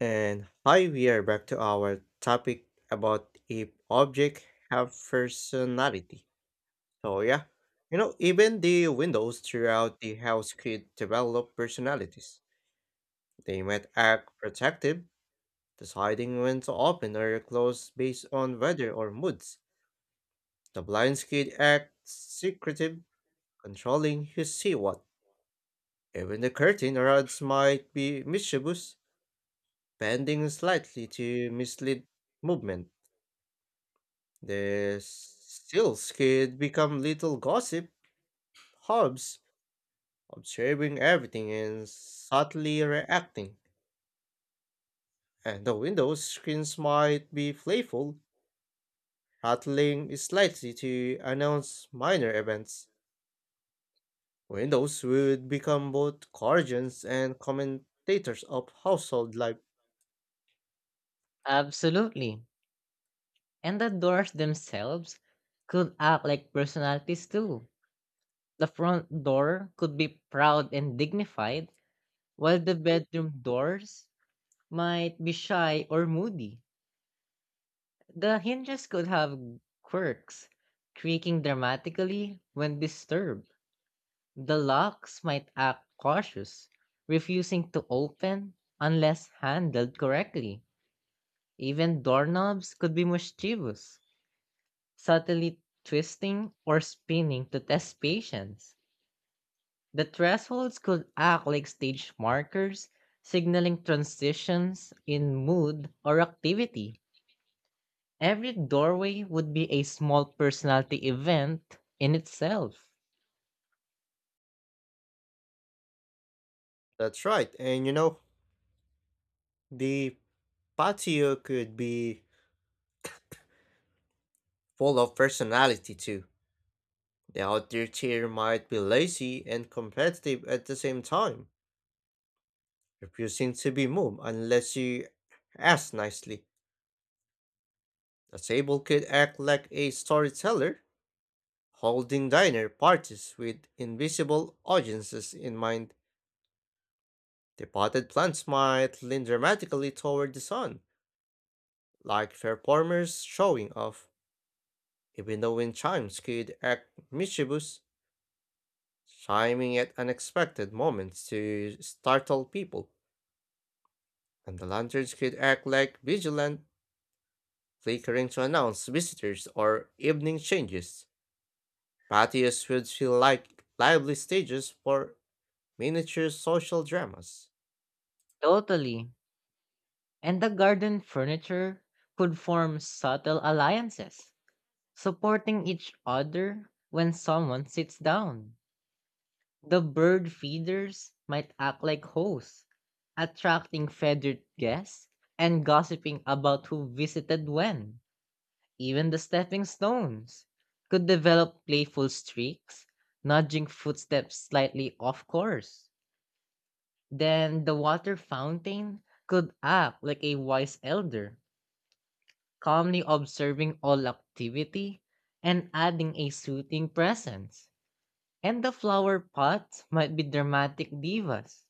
And hi, we are back to our topic about if objects have personality. So yeah, even the windows throughout the house could develop personalities. They might act protective, deciding when to open or close based on weather or moods. The blinds could act secretive, controlling who see what. Even the curtain rods might be mischievous, bending slightly to mislead movement. The stills could become little gossip hubs, observing everything and subtly reacting, and the windows screens might be playful, rattling slightly to announce minor events. Windows would become both guardians and commentators of household life. Absolutely. And the doors themselves could act like personalities too. The front door could be proud and dignified, while the bedroom doors might be shy or moody. The hinges could have quirks, creaking dramatically when disturbed. The locks might act cautious, refusing to open unless handled correctly. Even doorknobs could be mischievous, subtly twisting or spinning to test patience. The thresholds could act like stage markers, signaling transitions in mood or activity. Every doorway would be a small personality event in itself. That's right, and the patio could be full of personality too. The outdoor tier might be lazy and competitive at the same time, refusing to be moved unless you ask nicely. The table could act like a storyteller, holding diner parties with invisible audiences in mind. The potted plants might lean dramatically toward the sun, like performers showing off. Even the wind chimes could act mischievous, chiming at unexpected moments to startle people. And the lanterns could act like vigilant, flickering to announce visitors or evening changes. Patios would feel like lively stages for miniature social dramas. Totally. And the garden furniture could form subtle alliances, supporting each other when someone sits down. The bird feeders might act like hosts, attracting feathered guests and gossiping about who visited when. Even the stepping stones could develop playful streaks, nudging footsteps slightly off course. Then the water fountain could act like a wise elder, calmly observing all activity and adding a soothing presence. And the flower pots might be dramatic divas,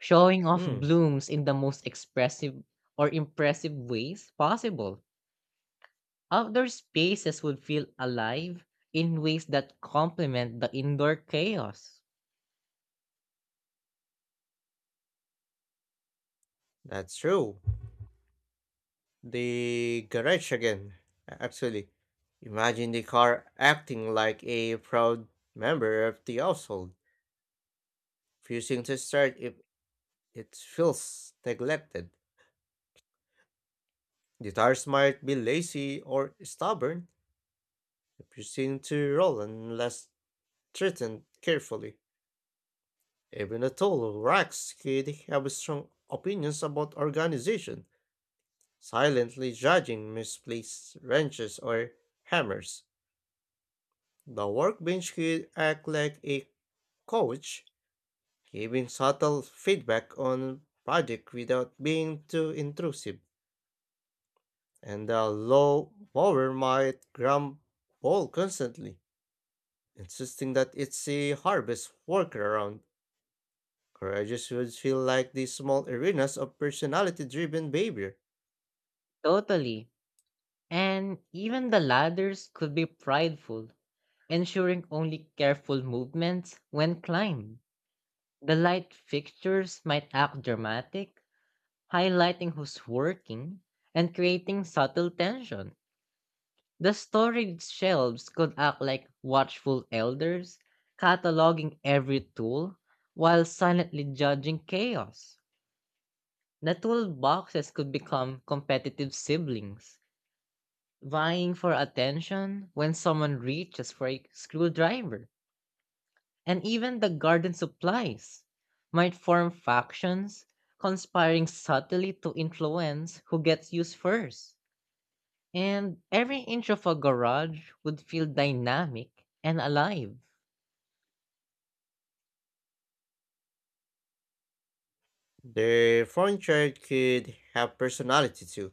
showing off Hmm, blooms in the most expressive or impressive ways possible. Outdoor spaces would feel alive in ways that complement the indoor chaos. that's true. The garage again, actually. Imagine the car acting like a proud member of the household, refusing to start if it feels neglected. The tires might be lazy or stubborn, refusing to roll unless treated carefully. Even a tall, Rax kid have strong opinions about organization, silently judging misplaced wrenches or hammers. The workbench kid act like a coach, giving subtle feedback on project without being too intrusive. And the low mower might grumble constantly, insisting that it's a harvest workaround. Courageous would feel like these small arenas of personality driven behavior. Totally. And even the ladders could be prideful, ensuring only careful movements when climbed. The light fixtures might act dramatic, highlighting who's working and creating subtle tension. The storage shelves could act like watchful elders, cataloging every tool while silently judging chaos. The toolboxes could become competitive siblings, vying for attention when someone reaches for a screwdriver. And even the garden supplies might form factions, conspiring subtly to influence who gets used first. And every inch of a garage would feel dynamic and alive. The frontier could have personality too.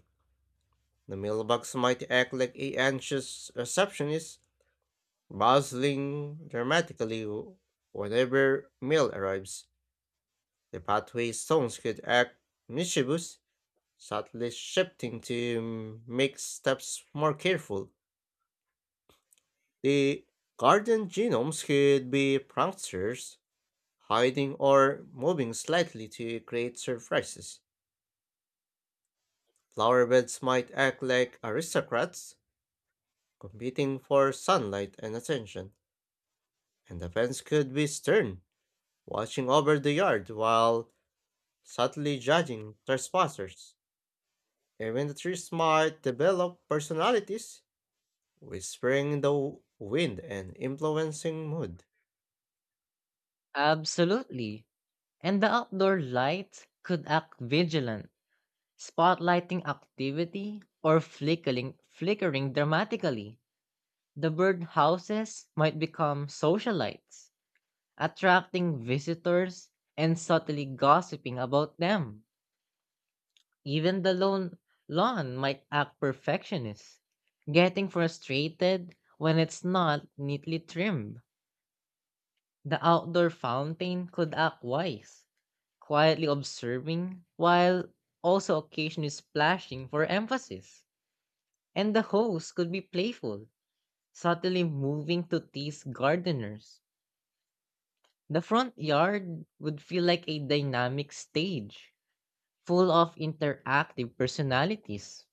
The mailbox might act like a anxious receptionist, bustling dramatically whenever mail arrives. The pathway stones could act mischievous, subtly shifting to make steps more careful. The garden genomes could be pranksters, hiding or moving slightly to create surprises. Flower beds might act like aristocrats, competing for sunlight and attention, and the fence could be stern, watching over the yard while subtly judging trespassers. Even the trees might develop personalities, whispering in the wind and influencing mood. Absolutely. And the outdoor lights could act vigilant, spotlighting activity or flickering dramatically. The bird houses might become socialites, attracting visitors and subtly gossiping about them. Even the lone lawn might act perfectionist, getting frustrated when it's not neatly trimmed. The outdoor fountain could act wise, quietly observing while also occasionally splashing for emphasis. And the hose could be playful, subtly moving to tease gardeners. The front yard would feel like a dynamic stage, full of interactive personalities.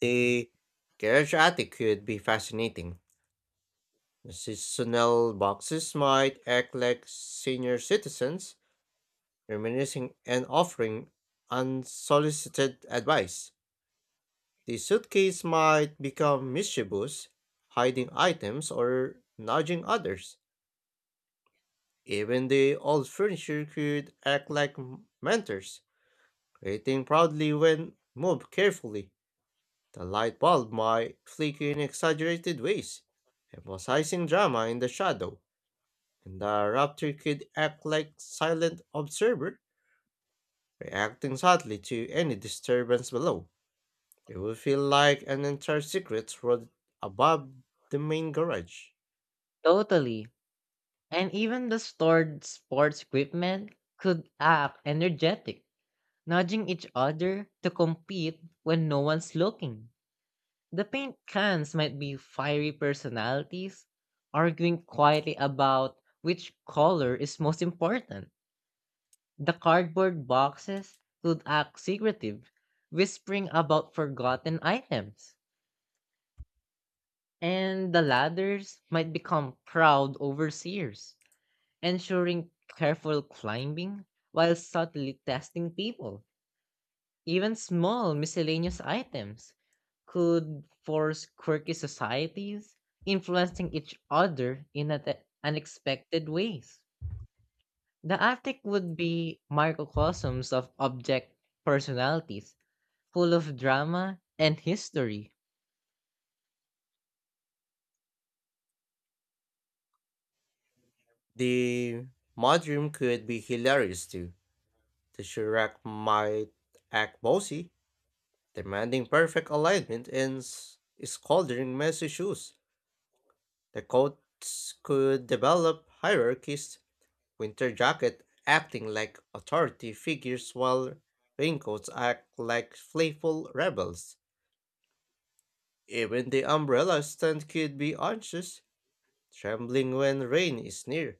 The garage attic could be fascinating. Seasonal boxes might act like senior citizens, reminiscing and offering unsolicited advice. The suitcase might become mischievous, hiding items or nudging others. Even the old furniture could act like mentors, creating proudly when moved carefully. The light bulb might flicker in exaggerated ways, emphasizing drama in the shadow. And the raptor could act like silent observer, reacting subtly to any disturbance below. It would feel like an entire secret world above the main garage. Totally. And even the stored sports equipment could act energetic, nudging each other to compete when no one's looking. The paint cans might be fiery personalities, arguing quietly about which color is most important. The cardboard boxes could act secretive, whispering about forgotten items. And the ladders might become proud overseers, ensuring careful climbing while subtly testing people. Even small miscellaneous items could force quirky societies, influencing each other in an unexpected ways. The attic would be microcosms of object personalities, full of drama and history. The mudroom could be hilarious too. The Shurak might act bossy, demanding perfect alignment and scolding messy shoes. The coats could develop hierarchies. Winter Jacket acting like authority figures while Raincoats act like playful rebels. Even the umbrella stand could be anxious, trembling when rain is near.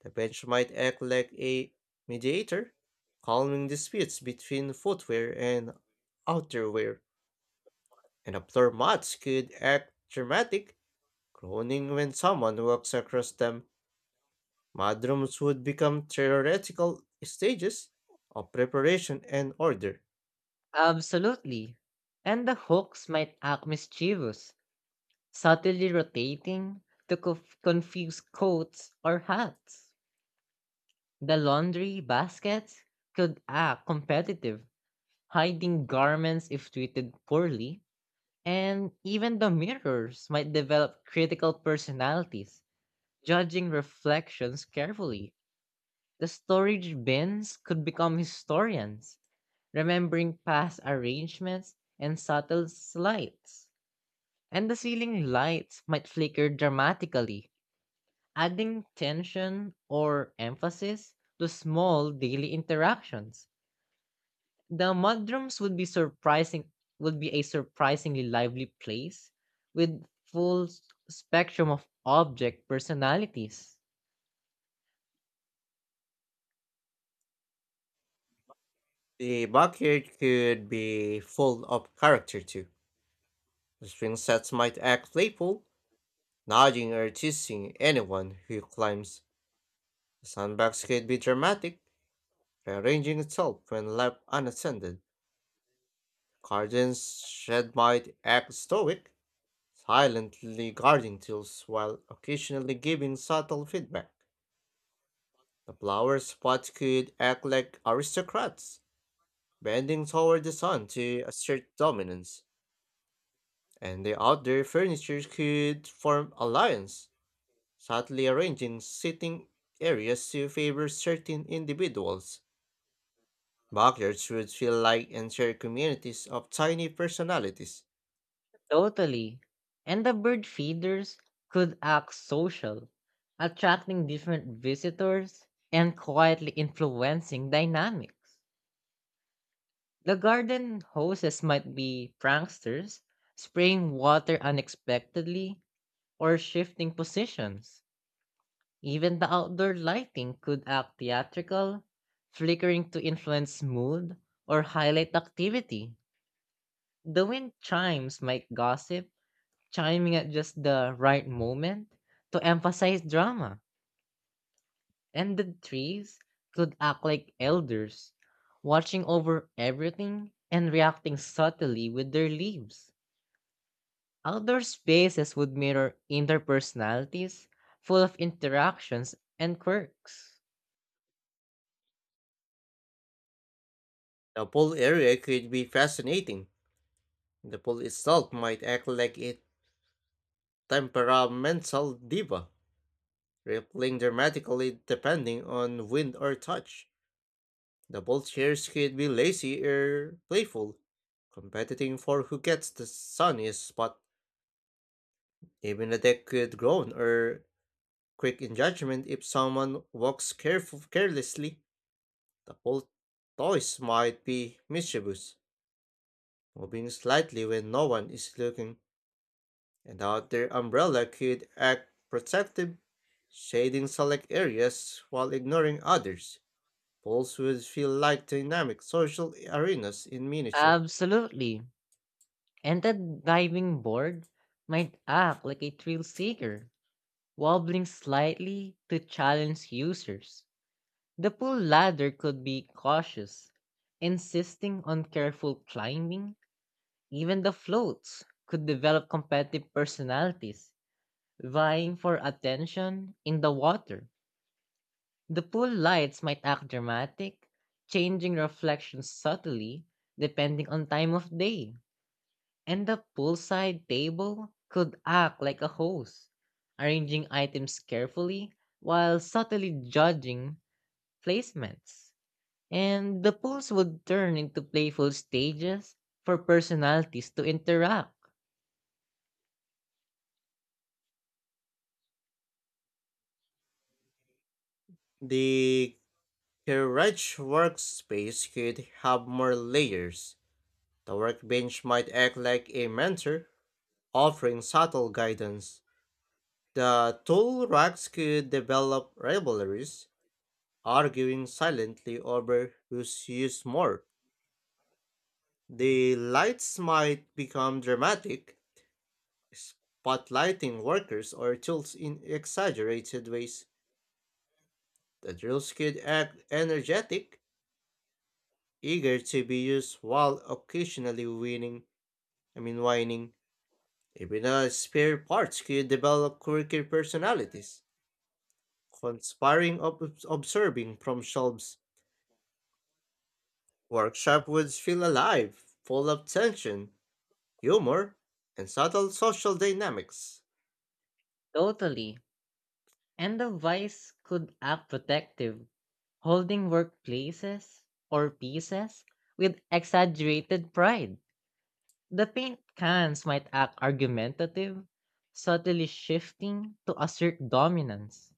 The bench might act like a mediator, calming disputes between footwear and outerwear. And the floor mats could act dramatic, groaning when someone walks across them. Madrums would become theoretical stages of preparation and order. Absolutely. And the hooks might act mischievous, subtly rotating to confuse coats or hats. The laundry baskets could act competitive, hiding garments if treated poorly, and even the mirrors might develop critical personalities, judging reflections carefully. The storage bins could become historians, remembering past arrangements and subtle slights. And the ceiling lights might flicker dramatically, adding tension or emphasis to small daily interactions. The mudrooms would be a surprisingly lively place with full s- spectrum of object personalities. The backyard could be full of character too. The swing sets might act playful, nudging or teasing anyone who climbs. The sandbox could be dramatic, rearranging itself when left unattended. Garden's shed might act stoic, silently guarding tools while occasionally giving subtle feedback. The flower spots could act like aristocrats, bending toward the sun to assert dominance, and the outdoor furniture could form alliance, subtly arranging sitting areas to favor certain individuals. Backyards would feel like entire communities of tiny personalities. Totally. And the bird feeders could act social, attracting different visitors and quietly influencing dynamics. The garden hoses might be pranksters, spraying water unexpectedly or shifting positions. Even the outdoor lighting could act theatrical, flickering to influence mood or highlight activity. The wind chimes might gossip, chiming at just the right moment to emphasize drama. And the trees could act like elders, watching over everything and reacting subtly with their leaves. Outdoor spaces would mirror indoor personalities, full of interactions and quirks. The pool area could be fascinating. The pool itself might act like a temperamental diva, rippling dramatically depending on wind or touch. Double chairs could be lazy or playful, competing for who gets the sunniest spot. Even a deck could groan or quick in judgment if someone walks careful carelessly. The whole toys might be mischievous, moving slightly when no one is looking, and out their umbrella could act protective, shading select areas while ignoring others. Poles would feel like dynamic social arenas in miniature. Absolutely. And that diving board might act like a thrill seeker, wobbling slightly to challenge users. The pool ladder could be cautious, insisting on careful climbing. Even the floats could develop competitive personalities, vying for attention in the water. The pool lights might act dramatic, changing reflections subtly depending on time of day. And the poolside table could act like a host, arranging items carefully while subtly judging placements. And the pools would turn into playful stages for personalities to interact. The A rich workspace could have more layers. The workbench might act like a mentor, offering subtle guidance. The tool racks could develop rivalries, arguing silently over who's used more. The lights might become dramatic, spotlighting workers or tools in exaggerated ways. The drills could act energetic, eager to be used while occasionally winning. I mean, whining. Even the spare parts could develop quirky personalities, conspiring observing from shelves. Workshop would feel alive, full of tension, humor, and subtle social dynamics. Totally. And the vice could act protective, holding workplaces or pieces with exaggerated pride. The paint cans might act argumentative, subtly shifting to assert dominance.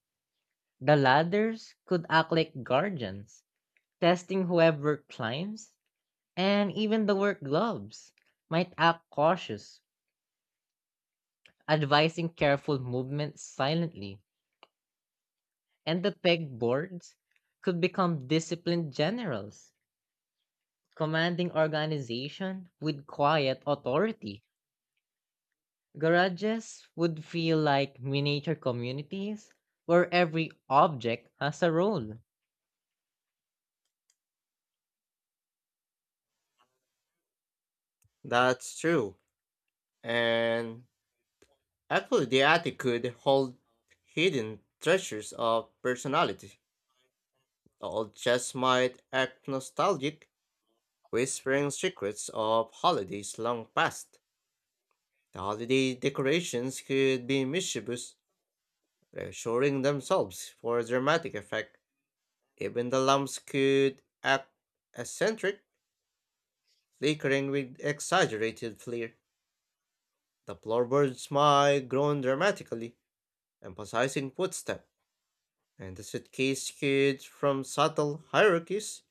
The ladders could act like guardians, testing whoever climbs, and even the work gloves might act cautious, advising careful movement silently. And the pegboards could become disciplined generals, commanding organization with quiet authority. Garages would feel like miniature communities where every object has a role. That's true. And actually, the attic could hold hidden treasures of personality. All just might act nostalgic, whispering secrets of holidays long past. The holiday decorations could be mischievous, reassuring themselves for dramatic effect. Even the lamps could act eccentric, flickering with exaggerated flair. The floorboards might groan dramatically, emphasizing footstep, and the suitcase could from subtle hierarchies,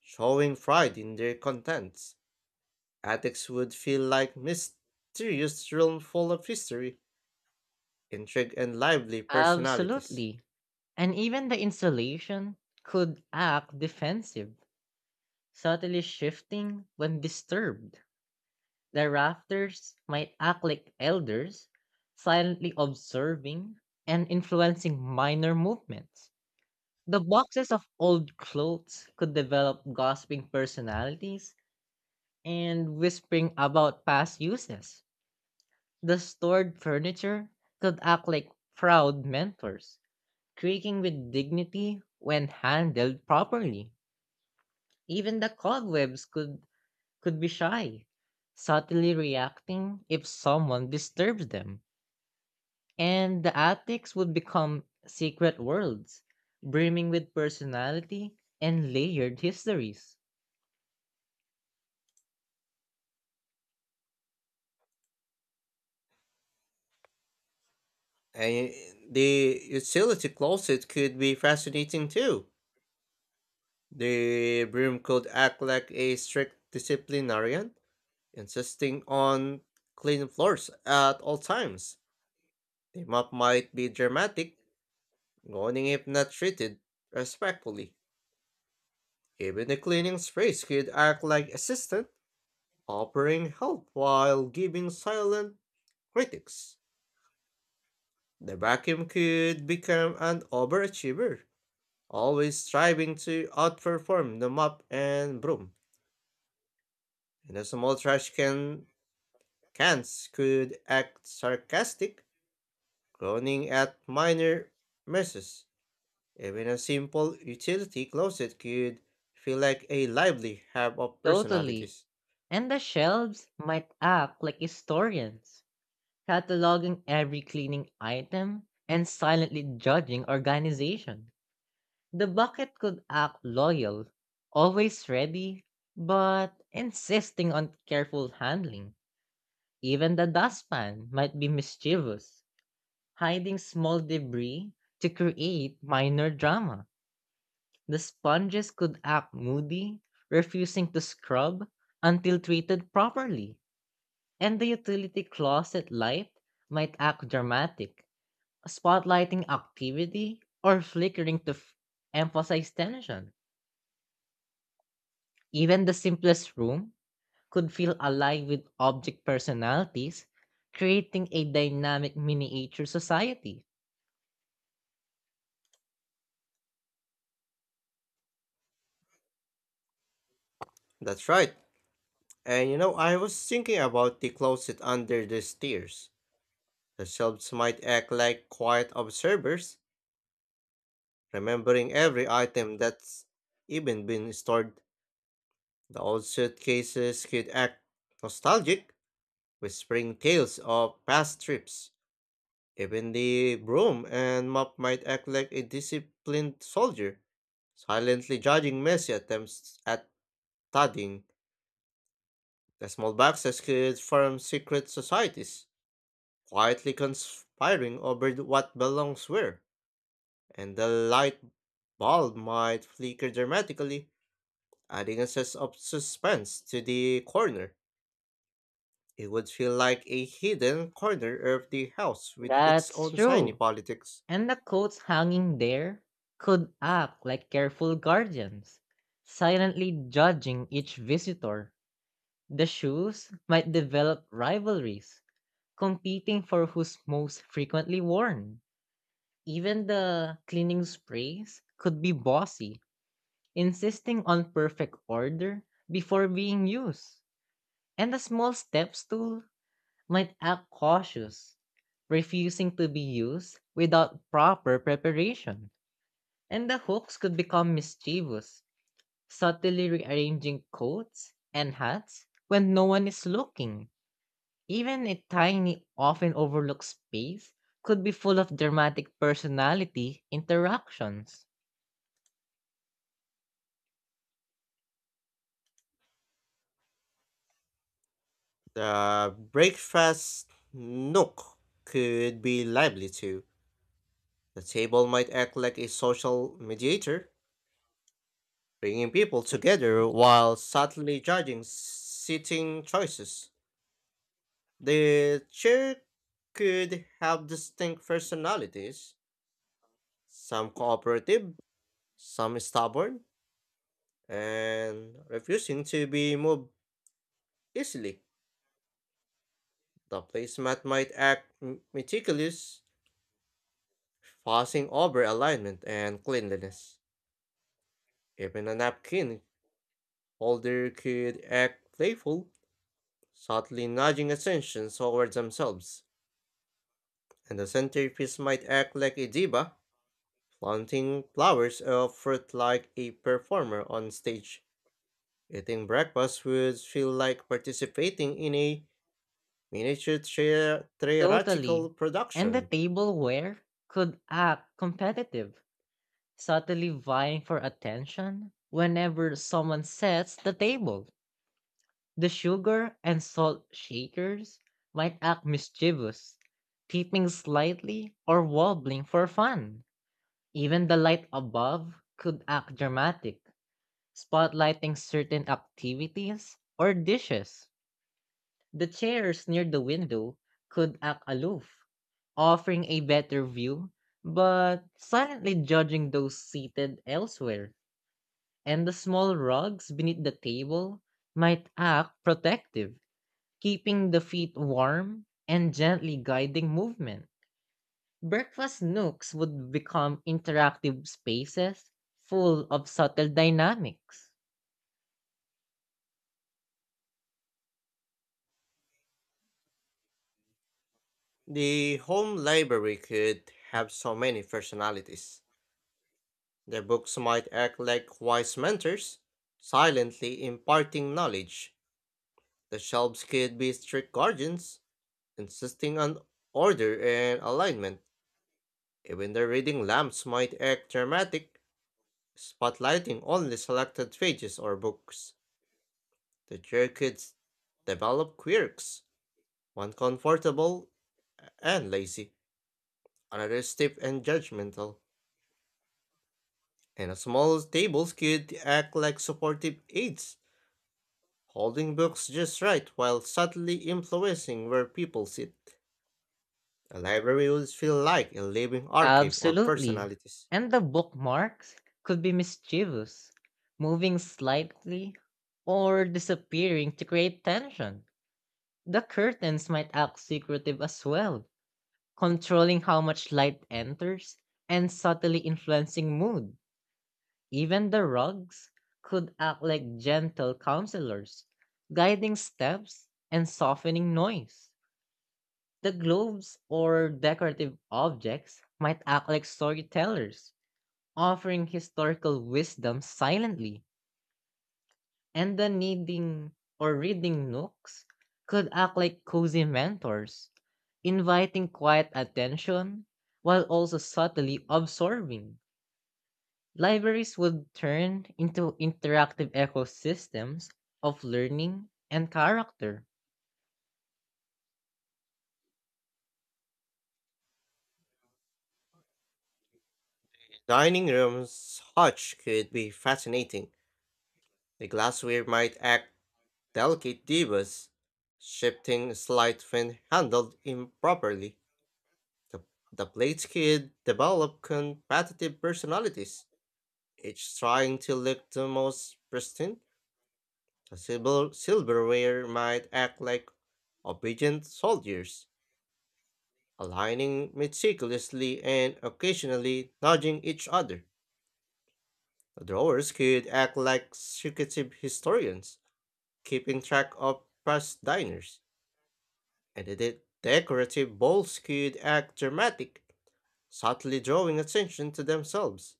showing pride in their contents. Attics would feel like mysterious realm full of history, intrigue, and lively personalities. Absolutely. And even the insulation could act defensive, subtly shifting when disturbed. The rafters might act like elders, silently observing and influencing minor movements. The boxes of old clothes could develop gossiping personalities and whispering about past uses. The stored furniture could act like proud mentors, creaking with dignity when handled properly. Even the cobwebs could be shy, subtly reacting if someone disturbs them. And the attics would become secret worlds, brimming with personality and layered histories. And the utility closet could be fascinating too. The broom could act like a strict disciplinarian, insisting on clean floors at all times. The mop might be dramatic, warning if not treated respectfully. Even the cleaning sprays could act like assistant, offering help while giving silent critics. The vacuum could become an overachiever, always striving to outperform the mop and broom. And the small trash can cans could act sarcastic, groaning at minor messes. Even a simple utility closet could feel like a lively hub of Totally. personalities. And the shelves might act like historians, cataloging every cleaning item and silently judging organization. The bucket could act loyal, always ready, but insisting on careful handling. Even the dustpan might be mischievous, hiding small debris to create minor drama. The sponges could act moody, refusing to scrub until treated properly. And the utility closet light might act dramatic, spotlighting activity or flickering to emphasize tension. Even the simplest room could feel alive with object personalities, creating a dynamic miniature society. That's right. And I was thinking about the closet under the stairs. The shelves might act like quiet observers, remembering every item that's even been stored. The old suitcases could act nostalgic, whispering tales of past trips. Even the broom and mop might act like a disciplined soldier, silently judging messy attempts at studying. The small boxes could form secret societies, quietly conspiring over what belongs where, and the light bulb might flicker dramatically, adding a sense of suspense to the corner. It would feel like a hidden corner of the house with its That's own tiny true. politics. And the coats hanging there could act like careful guardians, silently judging each visitor. The shoes might develop rivalries, competing for who's most frequently worn. Even the cleaning sprays could be bossy, insisting on perfect order before being used. And the small steps tool might act cautious, refusing to be used without proper preparation. And the hooks could become mischievous, subtly rearranging coats and hats when no one is looking. Even a tiny, often overlooked space could be full of dramatic personality interactions. The breakfast nook could be lively too. The table might act like a social mediator, bringing people together while subtly judging seating choices. The chair could have distinct personalities, some cooperative, some stubborn, and refusing to be moved easily. The placemat might act meticulous, fussing over alignment and cleanliness. Even a napkin holder could act playful, subtly nudging attention towards themselves. And the centerpiece might act like a diva, planting flowers or fruit like a performer on stage. Eating breakfast would feel like participating in a miniature Totally. theatrical And the production. tableware could act competitive, subtly vying for attention whenever someone sets the table. The sugar and salt shakers might act mischievous, tipping slightly or wobbling for fun. Even the light above could act dramatic, spotlighting certain activities or dishes. The chairs near the window could act aloof, offering a better view, but silently judging those seated elsewhere. And the small rugs beneath the table might act protective, keeping the feet warm and gently guiding movement. Breakfast nooks would become interactive spaces full of subtle dynamics. The home library could have so many personalities. The books might act like wise mentors, silently imparting knowledge. The shelves could be strict guardians, insisting on order and alignment. Even the reading lamps might act dramatic, spotlighting only selected pages or books. The chair could develop quirks, one comfortable and lazy, another stiff and judgmental. And a small tables could act like supportive aids, holding books just right while subtly influencing where people sit. A library would feel like a living archive of Absolutely. personalities. And the bookmarks could be mischievous, moving slightly or disappearing to create tension. The curtains might act secretive as well, controlling how much light enters and subtly influencing mood. Even the rugs could act like gentle counselors, guiding steps and softening noise. The globes or decorative objects might act like storytellers, offering historical wisdom silently, and the needing or reading nooks could act like cozy mentors, inviting quiet attention while also subtly absorbing. Libraries would turn into interactive ecosystems of learning and character. Dining rooms hutch could be fascinating. The glassware might act delicate divas, shifting slight when handled improperly. The, the plates could develop competitive personalities, each trying to look the most pristine. The silverware might act like obedient soldiers, aligning meticulously and occasionally nudging each other. The drawers could act like secretive historians, keeping track of past diners, and the decorative bowls could act dramatic, subtly drawing attention to themselves.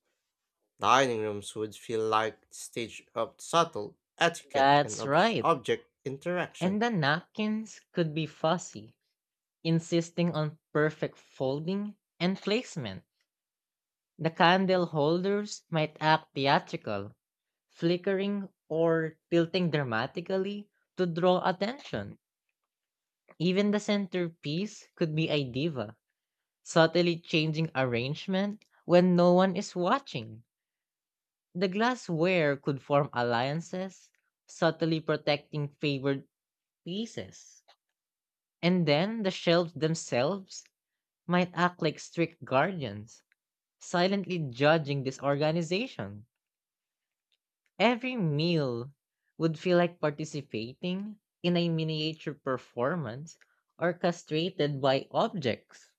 Dining rooms would feel like the stage of subtle etiquette and That's right. object interaction. And the napkins could be fussy, insisting on perfect folding and placement. The candle holders might act theatrical, flickering or tilting dramatically to draw attention. Even the centerpiece could be a diva, subtly changing arrangement when no one is watching. The glassware could form alliances, subtly protecting favored pieces. And then the shelves themselves might act like strict guardians, silently judging disorganization. Every meal would feel like participating in a miniature performance orchestrated by objects.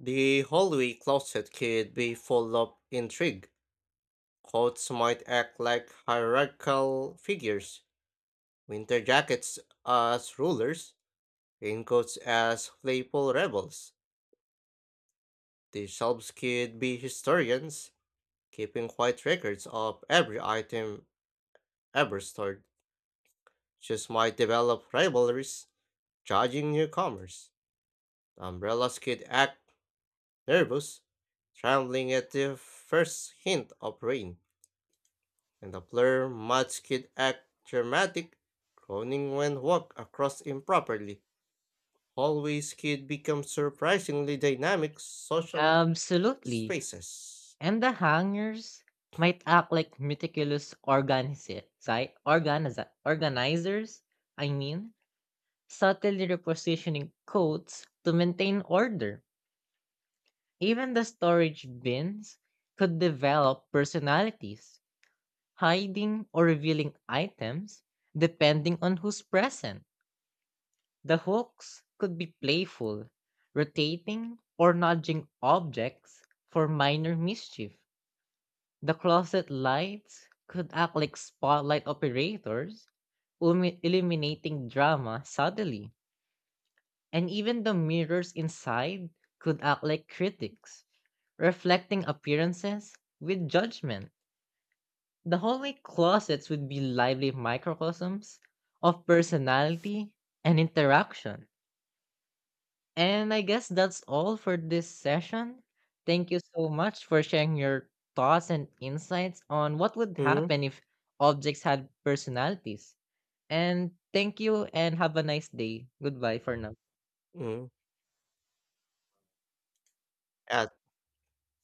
The hallway closet could be full of intrigue. Coats might act like hierarchical figures, winter jackets as rulers, raincoats as playful rebels. The shelves could be historians, keeping quiet records of every item ever stored. Shoes might develop rivalries, judging newcomers. The umbrellas could act nervous, trembling at the first hint of rain. And the player much could act dramatic, groaning when walked across improperly. Hallways could become surprisingly dynamic social Absolutely. spaces. And the hangers might act like meticulous organizers, I mean, subtly repositioning coats to maintain order. Even the storage bins could develop personalities, hiding or revealing items depending on who's present. The hooks could be playful, rotating or nudging objects for minor mischief. The closet lights could act like spotlight operators, illuminating drama subtly. And even the mirrors inside could act like critics, reflecting appearances with judgment. The hallway closets would be lively microcosms of personality and interaction. And I guess that's all for this session. Thank you so much for sharing your thoughts and insights on what would happen if objects had personalities. And thank you and have a nice day. Goodbye for now. Mm-hmm. I